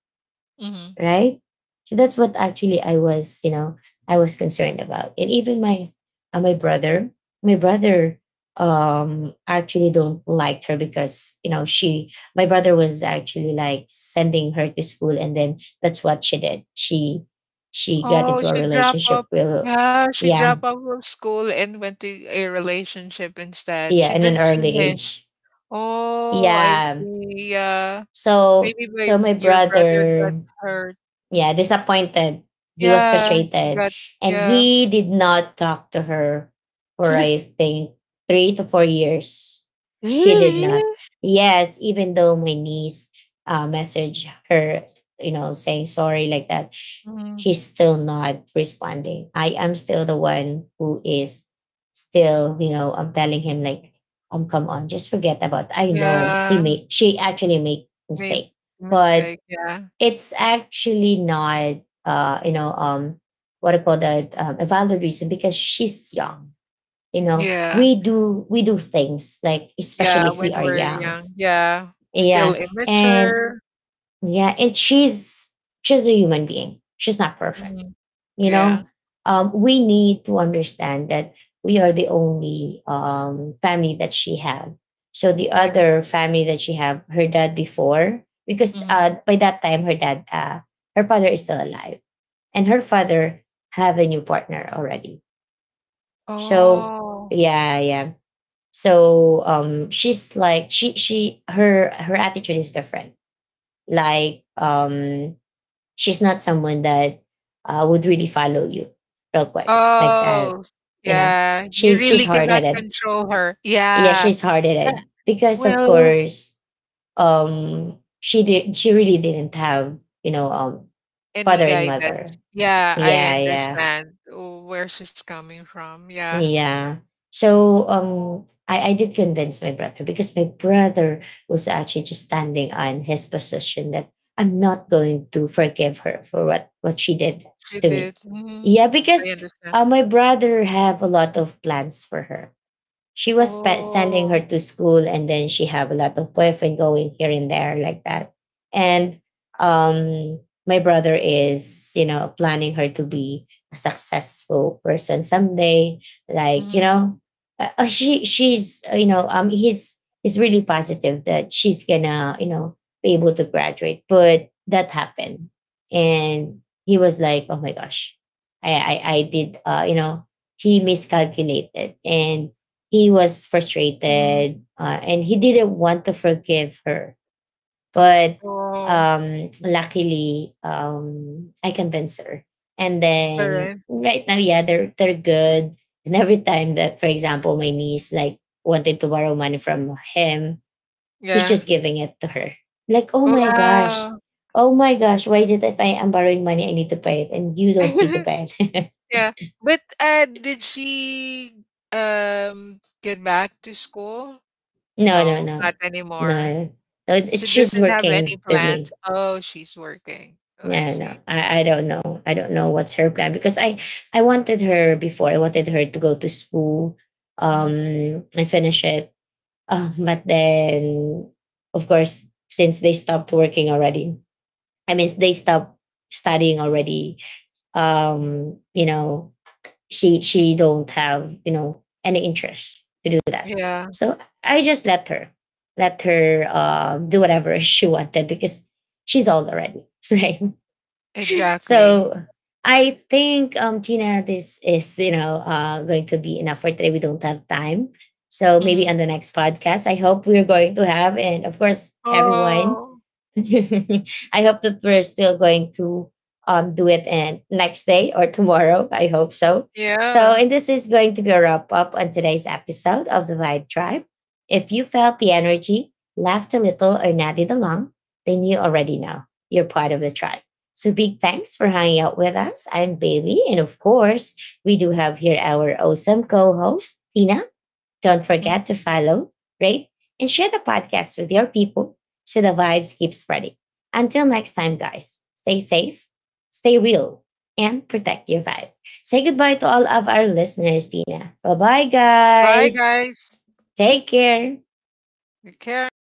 Speaker 2: mhm.
Speaker 1: right? So that's what actually I was, you know, I was concerned about. And even my uh, my brother, my brother actually don't liked her because, you know, she my brother was actually like sending her to school and then that's what she did. She got
Speaker 2: Oh,
Speaker 1: into a
Speaker 2: she dropped up.
Speaker 1: relationship real,
Speaker 2: Yeah, she
Speaker 1: yeah,
Speaker 2: dropped off of school and went to a relationship instead.
Speaker 1: yeah,
Speaker 2: She
Speaker 1: in an
Speaker 2: didn't
Speaker 1: early
Speaker 2: finish.
Speaker 1: age,
Speaker 2: Oh, I
Speaker 1: yeah.
Speaker 2: see, yeah.
Speaker 1: So
Speaker 2: Maybe my
Speaker 1: my
Speaker 2: your brother
Speaker 1: brother,
Speaker 2: got hurt.
Speaker 1: yeah, disappointed. He was
Speaker 2: Yeah, he
Speaker 1: frustrated.
Speaker 2: got
Speaker 1: And
Speaker 2: yeah.
Speaker 1: he did not talk to her for, I think, 3 to 4 years. He did
Speaker 2: Really?
Speaker 1: not. Yes, even though my niece messaged her, you know, saying sorry like that,
Speaker 2: Mhm.
Speaker 1: she's still not responding. I am still the one who is still, you know, I'm telling him like, come on, just forget about it. I know he
Speaker 2: Yeah,
Speaker 1: made, she actually made
Speaker 2: made
Speaker 1: mistake, but
Speaker 2: mistake, yeah.
Speaker 1: it's actually not uh you know um what I call that, a valid reason because she's young. You know,
Speaker 2: Yeah,
Speaker 1: we do things like,
Speaker 2: yeah,
Speaker 1: especially if we
Speaker 2: when
Speaker 1: are
Speaker 2: we're
Speaker 1: young.
Speaker 2: young. Yeah, still
Speaker 1: Yeah, and
Speaker 2: immature.
Speaker 1: yeah, and she's a human being, she's not perfect,
Speaker 2: Mhm.
Speaker 1: you
Speaker 2: Yeah,
Speaker 1: know. Um, we need to understand that we are the only, family that she had. So the
Speaker 2: yeah.
Speaker 1: other family that she had, her dad before, because
Speaker 2: Mhm.
Speaker 1: by that time her dad, her father is still alive, and her father have a new partner already. So
Speaker 2: Oh.
Speaker 1: yeah, yeah. So um, she's like, she her attitude is different. Like, um, she's not someone that would really follow you real quick like
Speaker 2: Oh,
Speaker 1: that. You know,
Speaker 2: yeah. You
Speaker 1: she's
Speaker 2: really
Speaker 1: she's hard
Speaker 2: cannot
Speaker 1: headed.
Speaker 2: control her.
Speaker 1: Yeah,
Speaker 2: Yeah.
Speaker 1: she's hard
Speaker 2: Uh,
Speaker 1: headed because of
Speaker 2: well,
Speaker 1: course, she did, she really didn't have, you know,
Speaker 2: any
Speaker 1: father and
Speaker 2: guidance.
Speaker 1: mother.
Speaker 2: Yeah, I
Speaker 1: Yeah, yeah.
Speaker 2: understand where she's coming from. Yeah,
Speaker 1: Yeah. So um, I did convince my brother because my brother was actually just standing on his position that I'm not going to forgive her for what she did
Speaker 2: she
Speaker 1: to me.
Speaker 2: did. Mhm.
Speaker 1: Yeah,
Speaker 2: I
Speaker 1: because
Speaker 2: understand.
Speaker 1: my brother have a lot of plans for her. She was sending her
Speaker 2: Oh.
Speaker 1: to school, and then she have a lot of boyfriend going here and there like that. And um, my brother is, you know, planning her to be a successful person someday. Like, you
Speaker 2: Mhm,
Speaker 1: know, she's you know, um, he's really positive that she's gonna, you know, be able to graduate. But that happened, and he was like, oh my gosh. i I did, he miscalculated, and he was
Speaker 2: mhm.
Speaker 1: frustrated, and he didn't want to forgive her. But
Speaker 2: Oh,
Speaker 1: luckily, I convinced her. And then
Speaker 2: alright.
Speaker 1: right now, yeah, they're good. And every time that, for example, my niece like wanted to borrow money from him, he's
Speaker 2: Yeah.
Speaker 1: just giving it to her. Like,
Speaker 2: Wow.
Speaker 1: oh my gosh, why is it if I am borrowing money, I need to pay it, and you don't need to pay it?
Speaker 2: Yeah. But did she get back to school?
Speaker 1: No, no,
Speaker 2: No,
Speaker 1: no,
Speaker 2: not anymore.
Speaker 1: no, no.
Speaker 2: She
Speaker 1: It's, she's
Speaker 2: doesn't have any
Speaker 1: working with
Speaker 2: plans.
Speaker 1: me.
Speaker 2: Oh, she's working. Oh, I
Speaker 1: Yeah, no,
Speaker 2: see.
Speaker 1: I don't know. I don't know what's her plan, because I wanted her before. I wanted her to go to school,
Speaker 2: Mhm.
Speaker 1: and finish it. But then, of course, since they stopped working already, I mean, they stopped studying already. You know, she don't have, you know, any interest to do that.
Speaker 2: Yeah,
Speaker 1: So I just let her do whatever she wanted because she's old already, right?
Speaker 2: exactly.
Speaker 1: So I think, Gina, this is, you know, going to be enough for today. We don't have time. So
Speaker 2: Mhm.
Speaker 1: maybe on the next podcast, I hope we're going to have, and of course, everyone,
Speaker 2: Oh,
Speaker 1: I hope that we're still going to do it and next day or tomorrow. I hope so. So,
Speaker 2: yeah.
Speaker 1: and this is going to be a wrap up on today's episode of the Vibe Tribe. If you felt the energy, laughed a little, or nodded along, then you already know you're part of the tribe. So, big thanks for hanging out with us. I'm Bailey, and of course, we do have here our awesome co-host Tina. Don't
Speaker 2: Mhm.
Speaker 1: forget to follow, rate, and share the podcast with your people so the vibes keep spreading. Until next time, guys, stay safe, stay real, and protect your vibe. Say goodbye to all of our listeners, Tina. Bye bye,
Speaker 2: Bye,
Speaker 1: guys.
Speaker 2: guys.
Speaker 1: Take care.
Speaker 2: Take care.